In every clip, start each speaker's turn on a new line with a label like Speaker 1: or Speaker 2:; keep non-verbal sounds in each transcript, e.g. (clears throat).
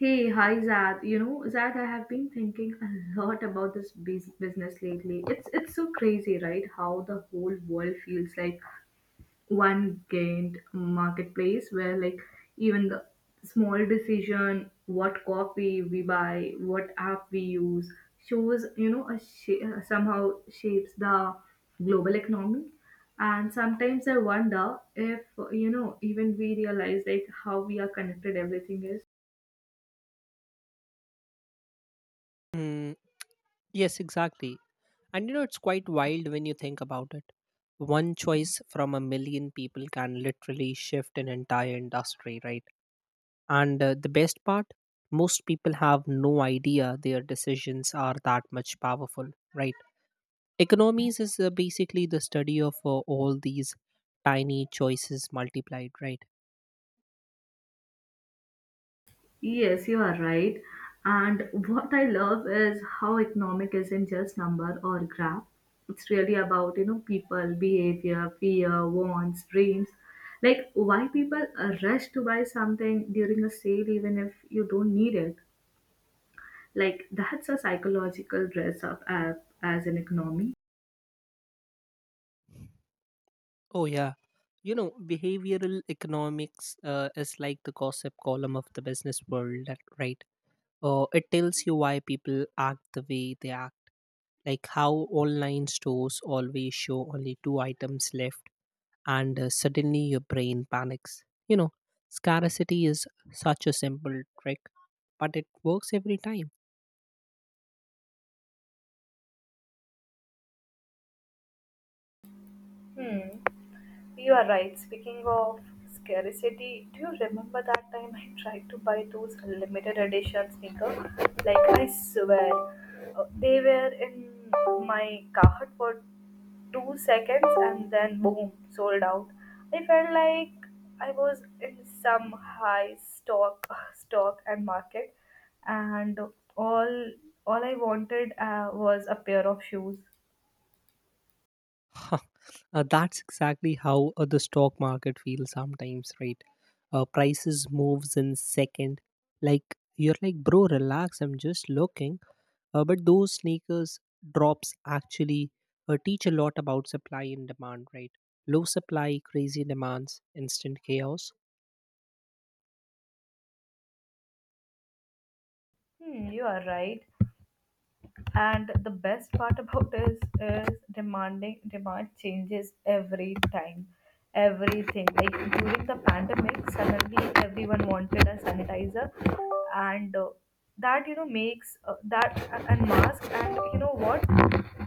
Speaker 1: Hey, hi Zad. You know, Zad, I have been thinking a lot about this business lately. It's so crazy, right? How the whole world feels like one giant marketplace where like even the small decision, what coffee we buy, what app we use, shows, you know, somehow shapes the global economy. And sometimes I wonder if, you know, even we realize like how we are connected everything is.
Speaker 2: Mm, yes, exactly. And you know, it's quite wild when you think about it. One choice from a million people can literally shift an entire industry, right? And the best part, most people have no idea their decisions are that much powerful, right? Economies is basically the study of all these tiny choices multiplied, right?
Speaker 1: Yes, you are right. And what I love is how economic isn't just number or graph. It's really about, you know, people, behavior, fear, wants, dreams. Like why people rush to buy something during a sale even if you don't need it. Like that's a psychological dress up as an economy.
Speaker 2: Oh, yeah. You know, behavioral economics is like the gossip column of the business world, right? It tells you why people act the way they act, like how online stores always show only two items left, and suddenly your brain panics. You know, scarcity is such a simple trick, but it works every time.
Speaker 1: Hmm. You are right. Speaking of scarcity, do you remember that time I tried to buy those limited edition sneakers? Like I swear, they were in my cart for two seconds and then boom, sold out. I felt like I was in some high stock (laughs) stock and market, and all all I wanted was a pair of shoes.
Speaker 2: (laughs) That's exactly how the stock market feels sometimes, right? Prices moves in second. Like you're like, bro, relax. I'm just looking. But those sneakers drops actually teach a lot about supply and demand, right? Low supply, crazy demands, instant chaos.
Speaker 1: Hmm, you are right. And the best part about this is demand changes every time everything. Like during the pandemic, suddenly everyone wanted a sanitizer, and that, you know, makes and mask. And you know what,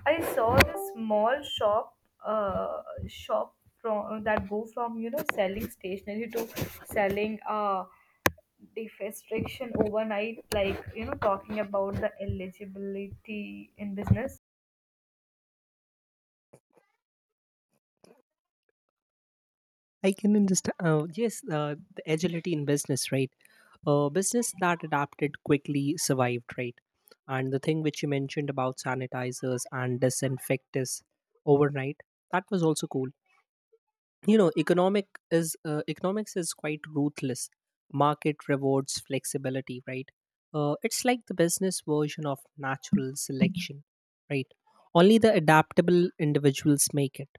Speaker 1: I saw this small shop from that go from, you know, selling stationery to selling deforestation overnight, like, you know, talking about the eligibility in business.
Speaker 2: I can understand. Yes, the agility in business, right? A business that adapted quickly survived, right? And the thing which you mentioned about sanitizers and disinfectants overnight, that was also cool. You know economics is quite ruthless. Market rewards flexibility, right? It's like the business version of natural selection, right? Only the adaptable individuals make it.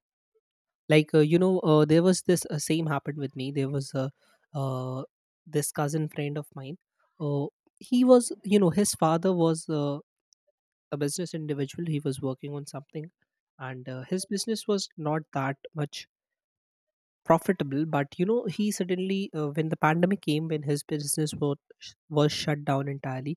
Speaker 2: Like, you know, there was this same happened with me. There was a, uh, this cousin friend of mine, uh, he was, you know, his father was a business individual. He was working on something, and his business was not that much profitable. But you know, he suddenly, when the pandemic came, when his business was shut down entirely,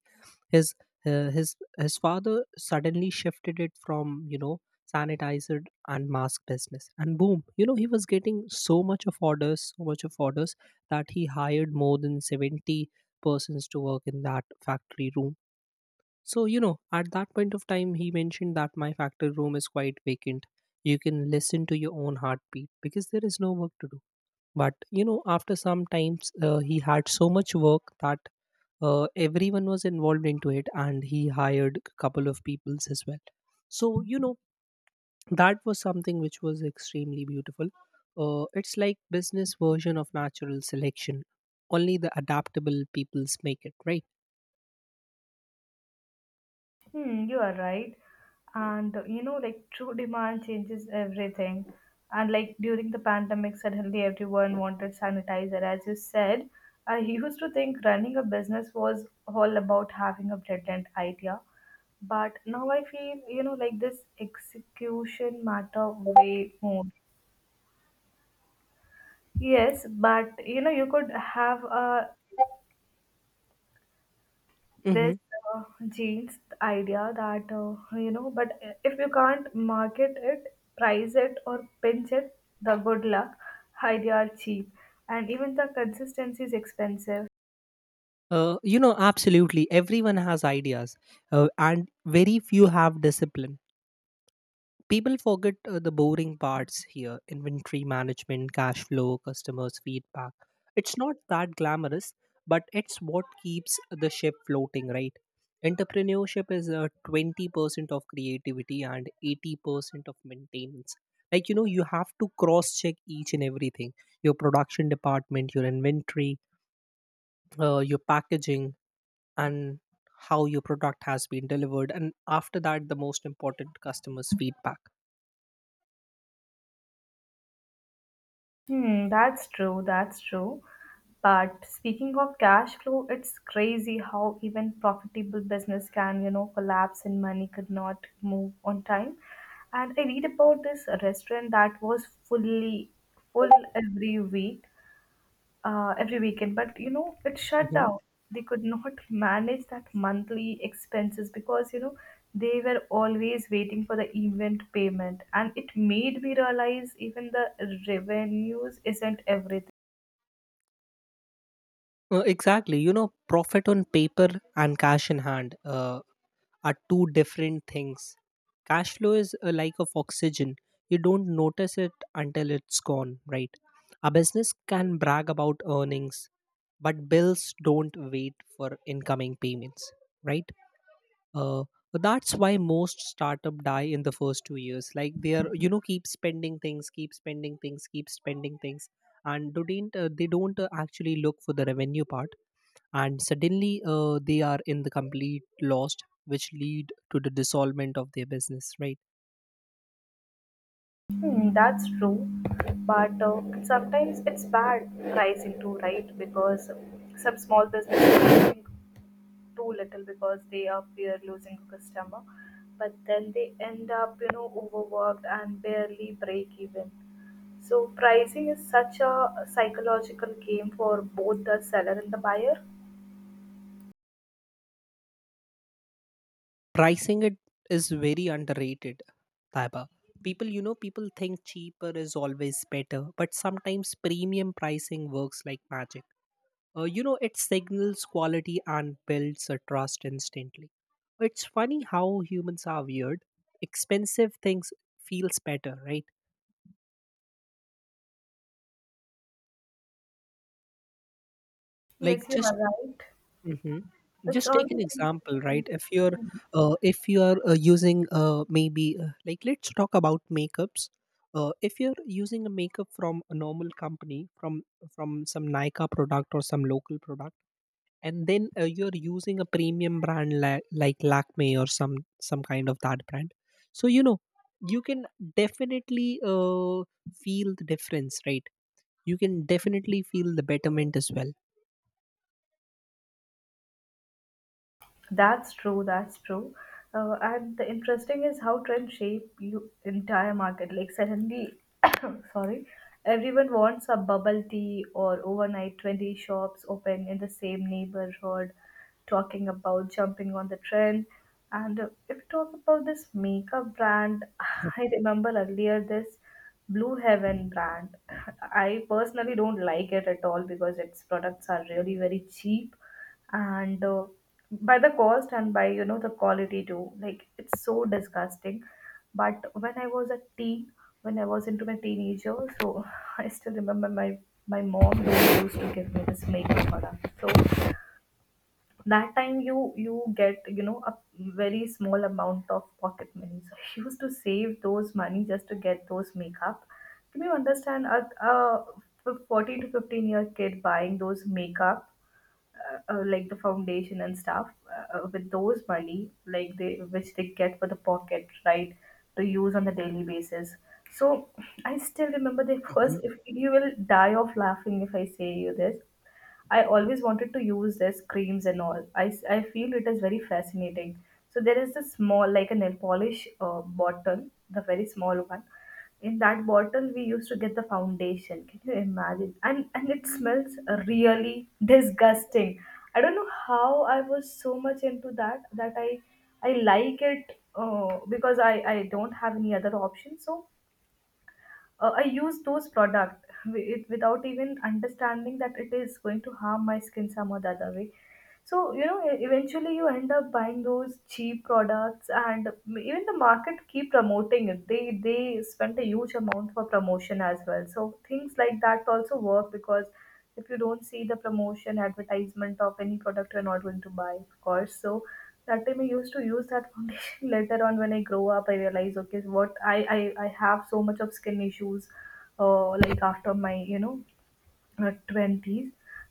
Speaker 2: his his father suddenly shifted it from, you know, sanitizer and mask business, and boom, you know, he was getting so much of orders, so much of orders, that he hired more than 70 persons to work in that factory room. So you know, at that point of time, he mentioned that my factory room is quite vacant. You can listen to your own heartbeat because there is no work to do. But you know, after some times, he had so much work that everyone was involved into it, and he hired a couple of peoples as well. So you know, that was something which was extremely beautiful. It's like business version of natural selection. Only the adaptable peoples make it, right?
Speaker 1: Hmm, you are right. And you know, like true demand changes everything. And like during the pandemic, suddenly everyone wanted sanitizer. As you said, I used to think running a business was all about having a brilliant idea. But now I feel, you know, like this execution matter way more. Yes, but you know, you could have a this
Speaker 2: Hmm.
Speaker 1: uh, genes idea that you know, but if you can't market it, price it, or pinch it, the good luck. Idea are cheap and even the consistency is expensive.
Speaker 2: You know, absolutely. Everyone has ideas, and very few have discipline. People forget the boring parts here: inventory management, cash flow, customers' feedback. It's not that glamorous, but it's what keeps the ship floating, right? Entrepreneurship is 20% of creativity and 80% of maintenance. Like, you know, you have to cross check each and everything: your production department, your inventory, your packaging, and how your product has been delivered. And after that, the most important, customers' feedback.
Speaker 1: Hmm, that's true, that's true. But speaking of cash flow, it's crazy how even profitable business can, you know, collapse and money could not move on time. And I read about this restaurant that was fully full every week, every weekend, but you know, it shut
Speaker 2: Mm-hmm.
Speaker 1: down. They could not manage that monthly expenses because, you know, they were always waiting for the event payment. And it made me realize even the revenues isn't everything.
Speaker 2: Exactly. You know, profit on paper and cash in hand are two different things. Cash flow is like of oxygen. You don't notice it until it's gone, right? A business can brag about earnings, but bills don't wait for incoming payments, right? Uh, that's why most startup die in the first 2 years. Like they are, you know, keep spending things, keep spending things, keep spending things, and don't they don't actually look for the revenue part, and suddenly they are in the complete lost, which lead to the dissolvement of their business, right?
Speaker 1: Hmm, that's true. But sometimes it's bad pricing too, right? Because some small businesses think too little because they are fear losing a customer, but then they end up, you know, overworked and barely break even. So pricing is such a psychological game for both the seller and the buyer.
Speaker 2: Pricing it is very underrated, taiba. People you know people think cheaper is always better, but sometimes premium pricing works like magic. You know, it signals quality and builds a trust instantly. It's funny how humans are weird. Expensive things feels better, right? Like
Speaker 1: Yes, you
Speaker 2: just,
Speaker 1: are right.
Speaker 2: hmm. Just take an example, right? If you are using maybe like let's talk about makeups. If you're using a makeup from a normal company, from some Nika product or some local product, and then you're using a premium brand like Lakme or some kind of that brand, so you know you can definitely feel the difference, right? You can definitely feel the betterment as well.
Speaker 1: That's true. That's true. And the interesting is how trends shape you entire market. Like suddenly, (coughs) sorry, everyone wants a bubble tea or overnight 20 shops open in the same neighborhood, talking about jumping on the trend. And if you talk about this makeup brand, (sighs) I remember earlier this Blue Heaven brand. (laughs) I personally don't like it at all because its products are really very cheap and by the cost and by, you know, the quality too. Like it's so disgusting. But when I was a teen, when I was into my teenager, so (laughs) I still remember my, my mom really used to give me this makeup product. So that time you get, you know, a very small amount of pocket money, so (laughs) I used to save those money just to get those makeup. Can you understand a 14 to 15 year kid buying those makeup, like the foundation and stuff, with those money like they which they get for the pocket, right, to use on the daily basis? So I still remember the first,
Speaker 2: (laughs)
Speaker 1: if you will die of laughing if I say you this. I always wanted to use this creams and all. I feel it is very fascinating. So there is this small, like a nail polish bottle, the very small one. In that bottle, we used to get the foundation. Can you imagine? And it smells really disgusting. I don't know how I was so much into that that I like it because I don't have any other option. So I use those product without even understanding that it is going to harm my skin some or the other way. So you know, eventually you end up buying those cheap products, and even the market keep promoting it. They spend a huge amount for promotion as well. So things like that also work because if you don't see the promotion advertisement of any product, you're not going to buy, of course. So that time I used to use that foundation. (laughs) Later on, when I grow up, I realize, okay, what I I have so much of skin issues, like after my you know twenties,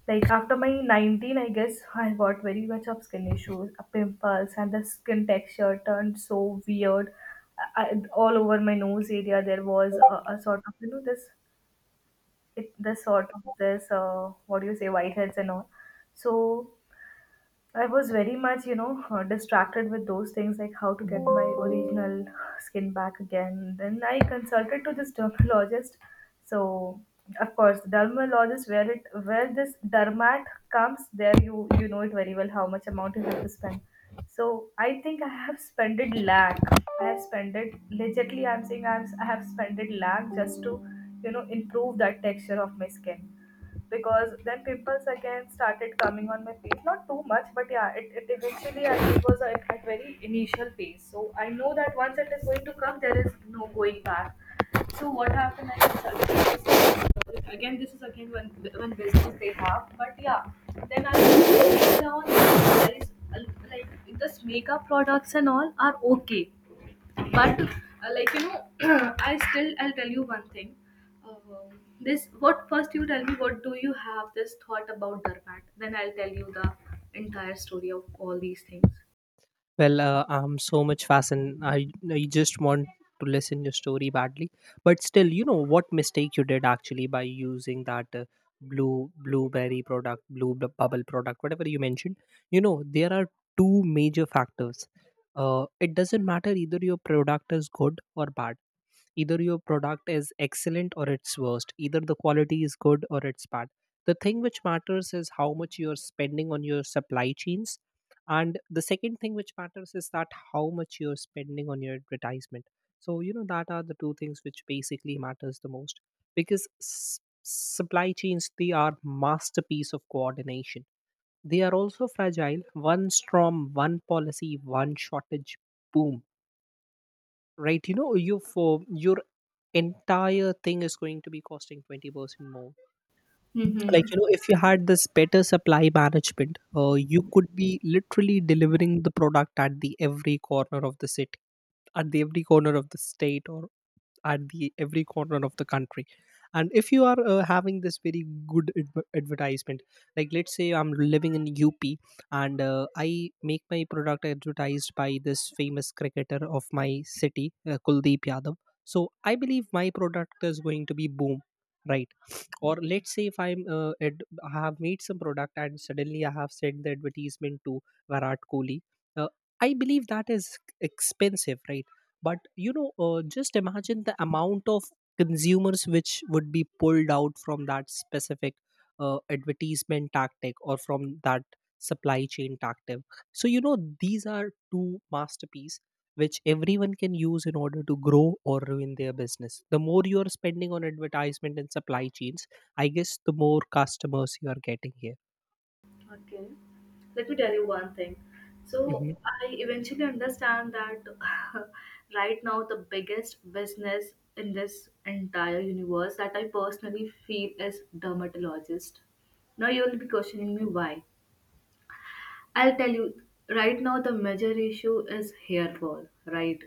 Speaker 1: like after my 19, I guess, (laughs) I got very much of skin issues, pimples, and the skin texture turned so weird. All over my nose area, there was a sort of, you know, this sort of this what do you say whiteheads and all. So I was very much, you know, distracted with those things like how to get my original skin back again. Then I consulted to this dermatologist. So, of course, the dermatologist where this dermat comes, there you know it very well how much amount you have to spend. So I think I have spent it lakh. I have spent it legitly. I'm saying I'm I have spent it lakh just to, you know, improve that texture of my skin. Because then pimples again started coming on my face, not too much, but yeah, it eventually, it was at very initial phase. So I know that once it is going to come, there is no going back. So what happened, again this is again one business they have. But yeah, then I later on I realized like this makeup products and all are okay, but like you know, (clears throat) I'll tell you one thing. um, this, what first you tell me what do you have this thought about darmat, then I'll tell you the entire story of all these things.
Speaker 2: Well, I'm so much fascinated. I just want to listen your story badly, but still, you know what mistake you did actually by using that blueberry product, bubble product, whatever you mentioned. You know there are two major factors. It doesn't matter either your product is good or bad, either your product is excellent or it's worst, either the quality is good or it's bad. The thing which matters is how much you're spending on your supply chains, and the second thing which matters is that how much you're spending on your advertisement. So you know, that are the two things which basically matters the most, because supply chains, they are masterpiece of coordination. They are also fragile. One storm, one policy, one shortage, boom, right? You know, you, for your entire thing is going to be costing 20% more. Like you know, if you had this better supply management, you could be literally delivering the product at the every corner of the city, at the every corner of the state, or at the every corner of the country. And if you are having this very good advertisement, like let's say I'm living in UP, and I make my product advertised by this famous cricketer of my city, Kuldeep Yadav, so I believe my product is going to be boom, right? Or let's say if I have made some product and suddenly I have sent the advertisement to Virat Kohli, uh, I believe that is expensive, right? But you know, just imagine the amount of consumers which would be pulled out from that specific advertisement tactic, or from that supply chain tactic. So you know, these are two masterpiece which everyone can use in order to grow or ruin their business. The more you are spending on advertisement and supply chains, I guess the more customers you are getting here.
Speaker 1: Okay, let me tell you one thing. So
Speaker 2: Mhm.
Speaker 1: I eventually understand that (laughs) right now the biggest business in this entire universe that I personally feel is dermatologist. Now you will be questioning me why. I'll tell you, right now the major issue is hair fall, right?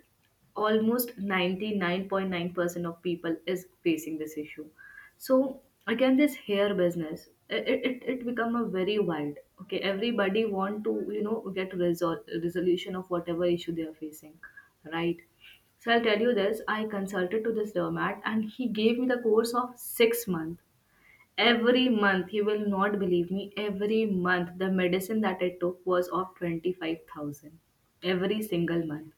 Speaker 1: Almost 99.9% of people is facing this issue. So again, this hair business, it become a very wide, okay? Everybody want to, you know, get resolution of whatever issue they are facing, right? So I'll tell you this, I consulted to this dermat and he gave me the course of six months. Every month, you will not believe me, every month the medicine that I took was of 25,000 every single month.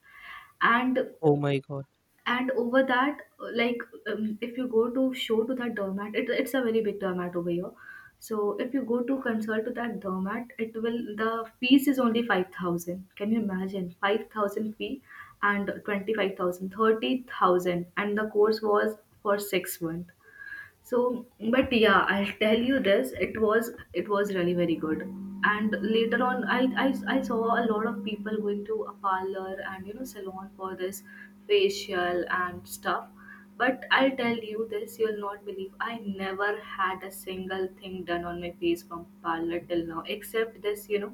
Speaker 1: And
Speaker 2: Oh my god.
Speaker 1: and over that, like if you go to show to that doormat, it's a very big doormat over here. So if you go to consult to that doormat, it will the fees is only 5,000. Can you imagine? 5,000 fee and 25,000, 30,000, and the course was for six months. So, but yeah, I'll tell you this. It was really very good. And later on, I saw a lot of people going to a parlor and, you know, salon for this facial and stuff. But I'll tell you this, you'll not believe. I never had a single thing done on my face from parlor till now, except this, you know,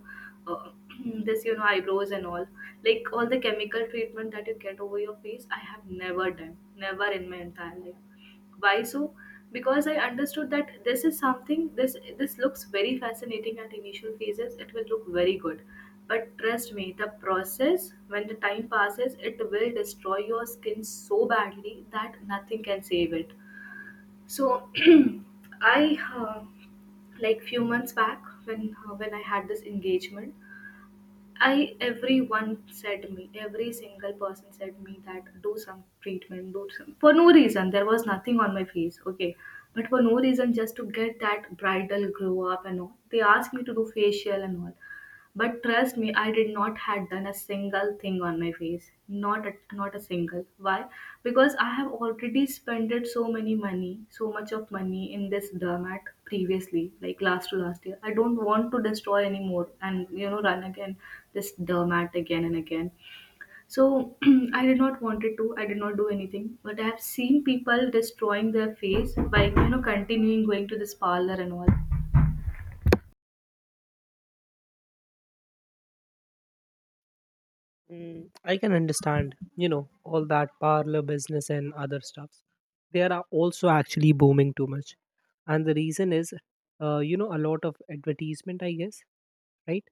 Speaker 1: uh, (clears throat) this, you know, eyebrows and all. Like all the chemical treatment that you get over your face, I have never done, never in my entire life. Why so? Because I understood that this is something this looks very fascinating at initial phases. It will look very good. But trust me, the process, when the time passes, it will destroy your skin so badly that nothing can save it. So (clears throat) I like few months back when I had this engagement, I everyone said me, every single person said me that do some treatment, do some for no reason. There was nothing on my face, okay, but for no reason, just to get that bridal grow up and all. They asked me to do facial and all. But trust me, I did not had done a single thing on my face. Not a single. Why? Because I have already spent so many money, so much of money in this dermat previously, like last to last year. I don't want to destroy anymore and run again this dermat again and again. So (clears throat) I did not wanted to. I did not do anything. But I have seen people destroying their face by continuing going to this parlor and all.
Speaker 2: Mm, I can understand, you know, all that parlor business and other stuffs. They are also actually booming too much. And the reason is, you know, a lot of advertisement, I guess, right?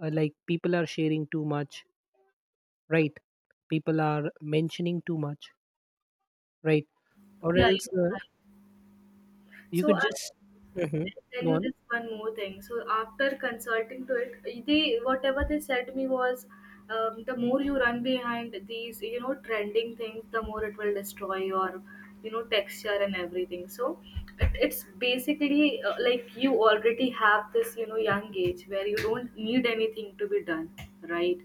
Speaker 2: Like people are sharing too much, right? People are mentioning too much, right? Or
Speaker 1: Yeah,
Speaker 2: else
Speaker 1: you're right.
Speaker 2: you
Speaker 1: So
Speaker 2: could
Speaker 1: I
Speaker 2: just, Mhm,
Speaker 1: tell
Speaker 2: go
Speaker 1: you
Speaker 2: on.
Speaker 1: this one more thing. So after consulting to it, the whatever they said me was, the more you run behind these, you know, trending things, the more it will destroy your, you know, texture and everything. So it's basically like you already have this, you know, young age where you don't need anything to be done, right?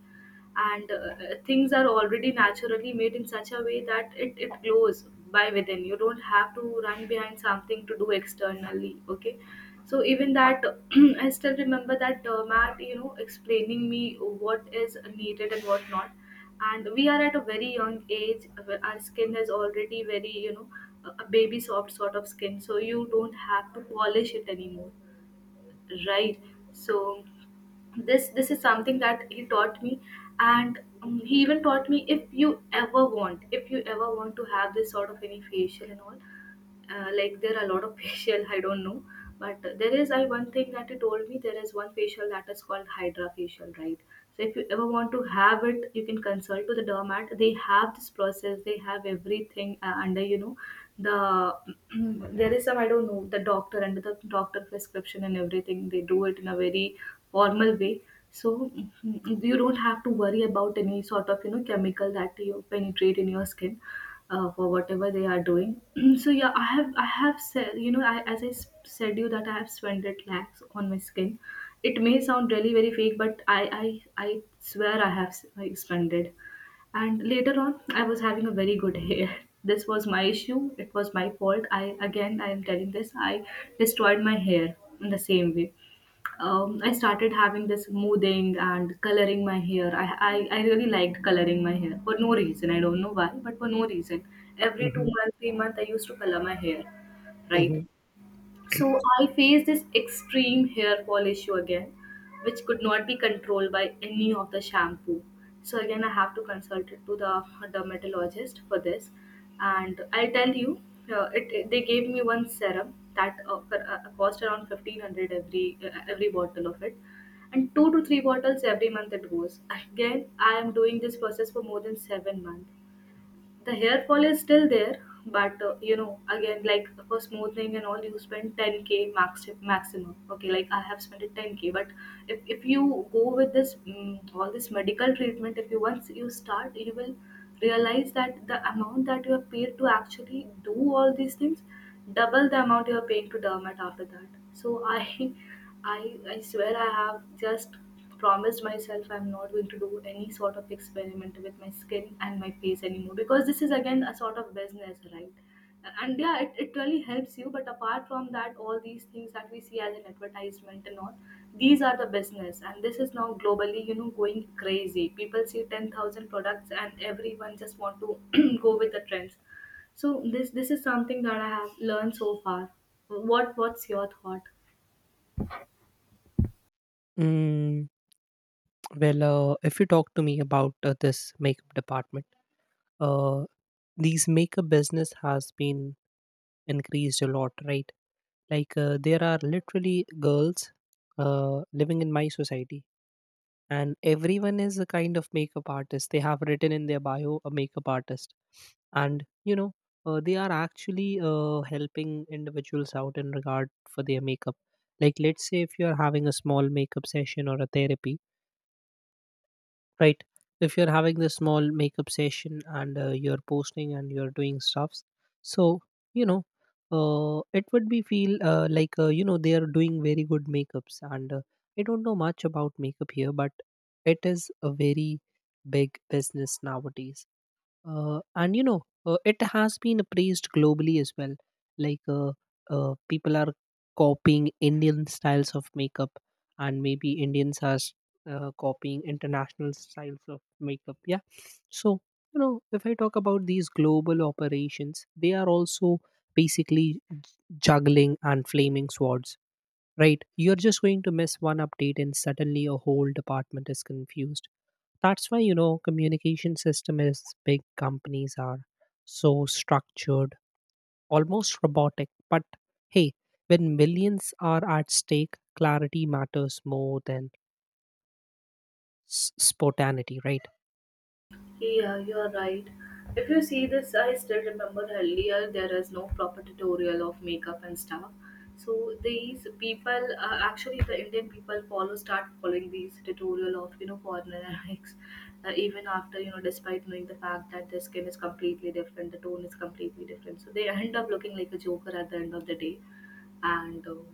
Speaker 1: And things are already naturally made in such a way that it glows by within. You don't have to run behind something to do externally. Okay, so even that (clears throat) I still remember that matt, you know, explaining me what is needed and what not. And we are at a very young age where our skin is already very, you know, a baby soft sort of skin, so you don't have to polish it anymore, right? So this is something that he taught me. And he even taught me, if you ever want to have this sort of any facial and all, like there are a lot of (laughs) facial, I don't know. But there is, I one thing that he told me, there is one facial that is called hydra facial, right? So if you ever want to have it, you can consult to the dermat. They have this process, they have everything, under, you know, the (clears throat) there is some, I don't know, the doctor, under the doctor prescription and everything, they do it in a very formal way. So you don't have to worry about any sort of, you know, chemical that you penetrate in your skin, for whatever they are doing. (clears throat) So yeah, I have said, you know, as said you that I have spent it lakhs on my skin. It may sound really very fake, but I swear I have I spent it. And later on, I was having a very good hair. (laughs) This was my issue. It was my fault. I am telling this. I destroyed my hair in the same way. I started having this smoothing and coloring my hair. I really liked coloring my hair for no reason. I don't know why, but for no reason. Every two
Speaker 2: Hmm.
Speaker 1: months, 3 months, I used to color my hair, right?
Speaker 2: Hmm.
Speaker 1: So I faced this extreme hair fall issue again, which could not be controlled by any of the shampoo. So again, I have to consult it to the dermatologist for this, and I'll tell you, they gave me one serum that cost around 1,500 every bottle of it, and two to three bottles every month it goes. Again, I am doing this process for more than 7 months. The hair fall is still there. But you know, again, like for smoothing and all, you spend 10k, maximum. Okay, like I have spent it 10k. But if you go with this all this medical treatment, if you once you start, you will realize that the amount that you have paid to actually do all these things, double the amount you are paying to dermat after that. So I (laughs) I swear, I have just promised myself I'm not going to do any sort of experiment with my skin and my face anymore, because this is again a sort of business, right? And yeah, it really helps you. But apart from that, all these things that we see as an advertisement and all, these are the business. And this is now globally, you know, going crazy. People see 10,000 products and everyone just want to (clears throat) go with the trends. So this is something that I have learned so far. What's your thought?
Speaker 2: Mm, well, if you talk to me about this makeup department, uh, these makeup business has been increased a lot, right? Like there are literally girls living in my society, and everyone is a kind of makeup artist. They have written in their bio a makeup artist. And you know, they are actually helping individuals out in regard for their makeup. Like let's say if you are having a small makeup session or a therapy, right? If you're having this small makeup session, and you're posting and you're doing stuffs, so you know, it would be feel like, you know, they are doing very good makeups. And I don't know much about makeup here, but it is a very big business nowadays. And you know, it has been praised globally as well. Like people are copying Indian styles of makeup, and maybe Indians are copying international styles of makeup. Yeah. So you know, if I talk about these global operations, they are also basically juggling and flaming swords, right? You're just going to miss one update, and suddenly a whole department is confused. That's why, you know, communication system is big companies are so structured, almost robotic. But hey, when millions are at stake, clarity matters more than spontaneity, right?
Speaker 1: Yeah, you're right. If you see this, I still remember earlier there is no proper tutorial of makeup and stuff. So these people, actually, the Indian people follow start following these tutorial of, you know, foreigners, even after, you know, despite knowing the fact that their skin is completely different, the tone is completely different. So they end up looking like a joker at the end of the day. And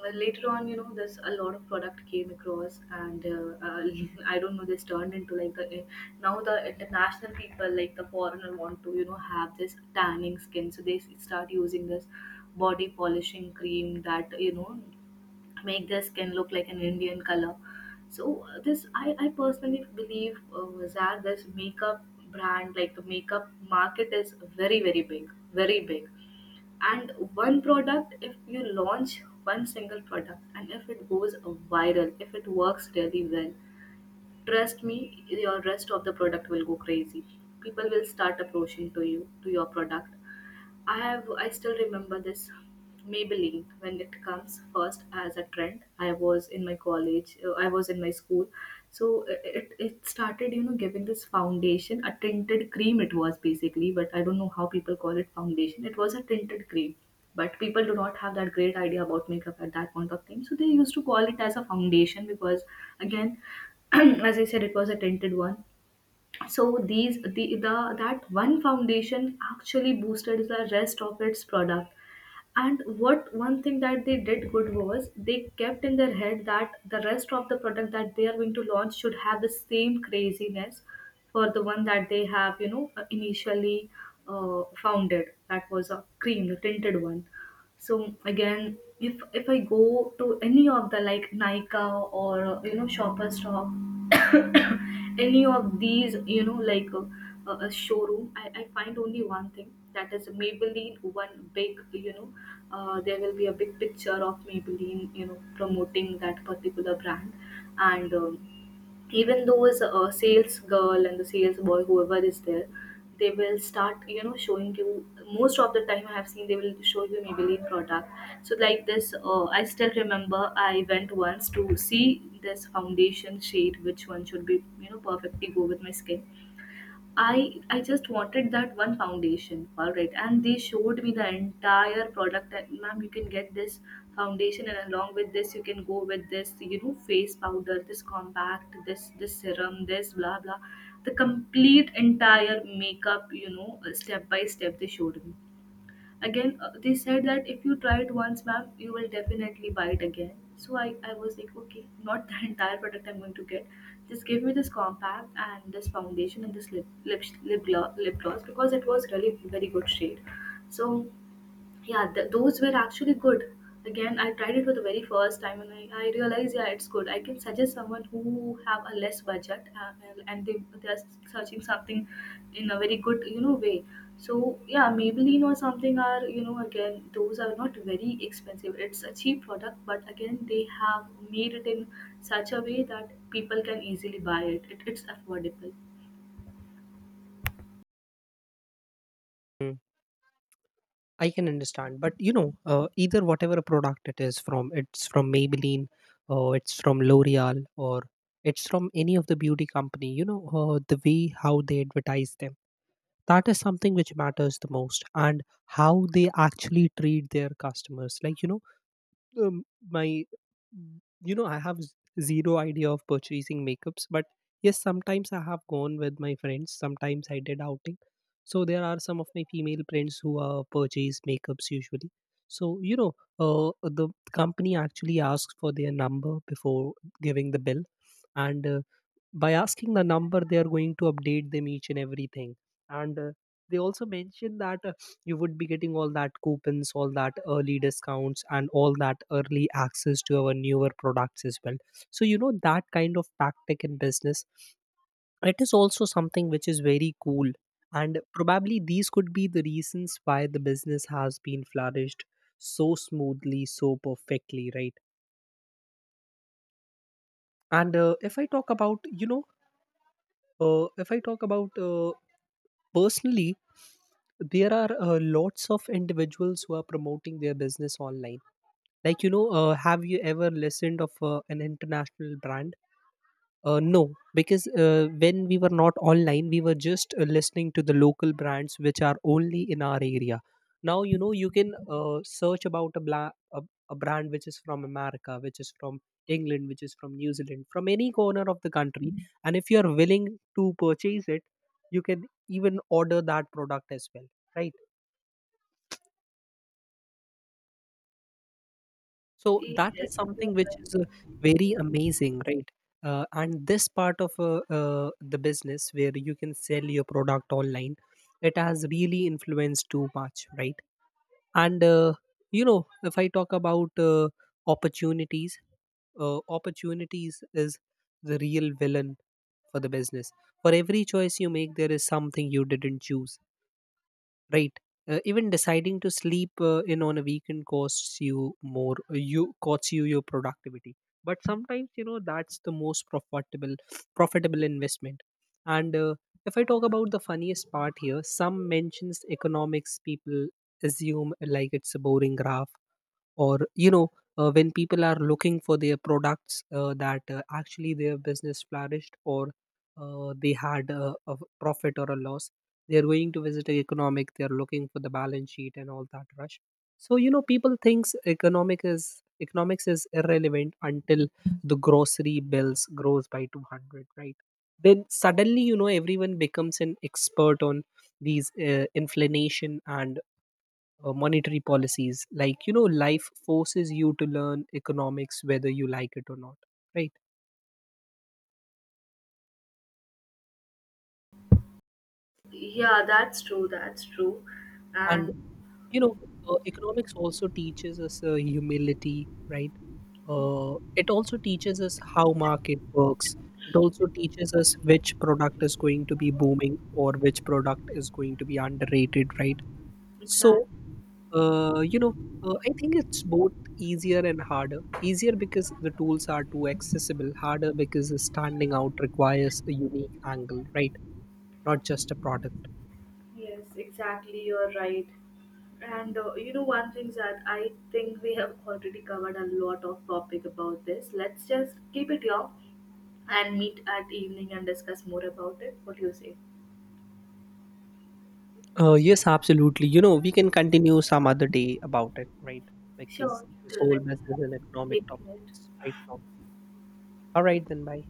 Speaker 1: well, later on, you know, this a lot of product came across. And (laughs) I don't know, this turned into like, the now the international people, like the foreigner, want to, you know, have this tanning skin. So they start using this body polishing cream that, you know, make their skin look like an Indian color. So I personally believe that this makeup brand, like the makeup market, is very very big, very big. And one product, if you launch one single product and if it goes viral, if it works really well, trust me, your rest of the product will go crazy. People will start approaching to you, to your product. I still remember this Maybelline when it comes first as a trend. I was in my college, I was in my school, so it started, you know, giving this foundation a tinted cream. It was basically, but I don't know how people call it foundation. It was a tinted cream, but people do not have that great idea about makeup at that point of time. So they used to call it as a foundation because again, (clears throat) as I said, it was a tinted one. So the that one foundation actually boosted the rest of its product. And what one thing that they did good was they kept in their head that the rest of the product that they are going to launch should have the same craziness for the one that they have, you know, initially founded, that was a cream, the tinted one. So again, if I go to any of the, like, nika, or you know, shopper, any of these, you know, like, a showroom, I find only one thing that is Maybelline, one big, you know, there will be a big picture of Maybelline, you know, promoting that particular brand. And even those sales girl and the sales boy, whoever is there, they will start, you know, showing you, most of the time I have seen, they will show you Maybelline product. So like this, I still remember I went once to see this foundation shade, which one should be, you know, perfectly go with my skin. I just wanted that one foundation, all right. And they showed me the entire product. And ma'am, you can get this foundation, and along with this, you can go with this, you know, face powder, this compact, this serum, this blah blah, the complete entire makeup, you know, step by step they showed me again. They said that if you try it once, ma'am, you will definitely buy it again. So I was like, okay, not the (laughs) entire product I'm going to get, just give me this compact and this foundation and this lip gloss, because it was really very good shade. So yeah, those were actually good. Again, I tried it for the very first time and I realized, yeah, it's good. I can suggest someone who have a less budget, and they are searching something in a very good, you know, way. So yeah, Maybelline or something are, you know, again, those are not very expensive. It's a cheap product, but again, they have made it in such a way that people can easily buy it. It's affordable.
Speaker 2: I can understand, but you know, either whatever a product it is from, it's from Maybelline, or it's from L'Oreal, or it's from any of the beauty company. You know, the way how they advertise them, that is something which matters the most, and how they actually treat their customers. Like you know, um, my, you know, I have zero idea of purchasing makeups, but yes, sometimes I have gone with my friends, sometimes I did outing. So there are some of my female friends who purchase makeups usually. So you know, uh, the company actually asks for their number before giving the bill. And by asking the number, they are going to update them each and everything. And they also mention that you would be getting all that coupons, all that early discounts, and all that early access to our newer products as well. So you know, that kind of tactic in business, it is also something which is very cool, and probably these could be the reasons why the business has been flourished so smoothly, so perfectly, right? And if I talk about, you know, if I talk about personally, there are lots of individuals who are promoting their business online. Like you know, have you ever listened of an international brand? No, because when we were not online, we were just listening to the local brands which are only in our area. Now you know, you can search about a, a brand which is from America, which is from England, which is from New Zealand, from any corner of the country. And if you are willing to purchase it, you can even order that product as well, right? So that
Speaker 1: Yes,
Speaker 2: is
Speaker 1: you're
Speaker 2: something which
Speaker 1: right.
Speaker 2: is very amazing, right? And this part of the business where you can sell your product online, it has really influenced too much, right? And you know, if I talk about opportunities, opportunities is the real villain for the business. For every choice you make, there is something you didn't choose, right? Even deciding to sleep in on a weekend costs you more, you costs you your productivity. But sometimes you know that's the most profitable, profitable investment. And if I talk about the funniest part here, some mentions economics people assume like it's a boring graph, or you know, when people are looking for their products, that actually their business flourished or they had a profit or a loss, they're going to visit a economic, they're looking for the balance sheet and all that rush. So you know, people thinks economics is irrelevant until the grocery bills grows by 200, right? Then suddenly you know everyone becomes an expert on these inflammation and monetary policies. Like you know, life forces you to learn economics whether you like it or not, right?
Speaker 1: Yeah, that's true. That's true.
Speaker 2: And
Speaker 1: And
Speaker 2: you know, economics also teaches us humility, right? It also teaches us how market works. It also teaches us which product is going to be booming, or which product is going to be underrated, right? So
Speaker 1: exactly.
Speaker 2: You know, I think it's both easier and harder. Easier because the tools are too accessible, harder because standing out requires a unique angle, right? Not just a product.
Speaker 1: Yes, exactly. You're right. And you know, one thing that I think we have already covered a lot of topic about this. Let's just keep it long and meet at evening and discuss more about it. What do you say?
Speaker 2: Yes, absolutely. You know, we can continue some other day about it, right?
Speaker 1: Sure.
Speaker 2: Because this
Speaker 1: Till
Speaker 2: whole business
Speaker 1: then,
Speaker 2: and economic
Speaker 1: take
Speaker 2: topic is
Speaker 1: care.
Speaker 2: right now. All right, then, bye.